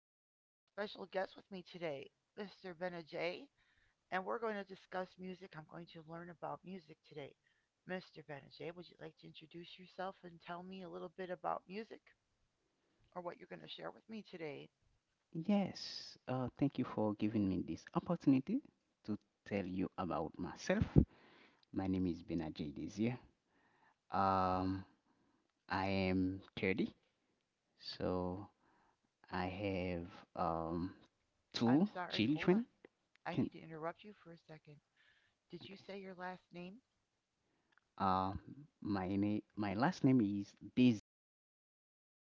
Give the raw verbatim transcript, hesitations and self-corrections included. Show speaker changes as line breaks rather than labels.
I- have a special guest with me today, mister Benajay, and we're going to discuss music. I'm going to learn about music today. mister Benajay, would you like to introduce yourself and tell me a little bit about music or what you're going to share with me today?
Yes, uh, thank you for giving me this opportunity to tell you about myself. My name is Benajay Desir. Um, I am thirty, so I have um,
I'm
two
sorry, hold on.
children.
I
Can
need to interrupt you for a second. Did you
Okay.
say your last name?
Um, my name, my last name is Desir.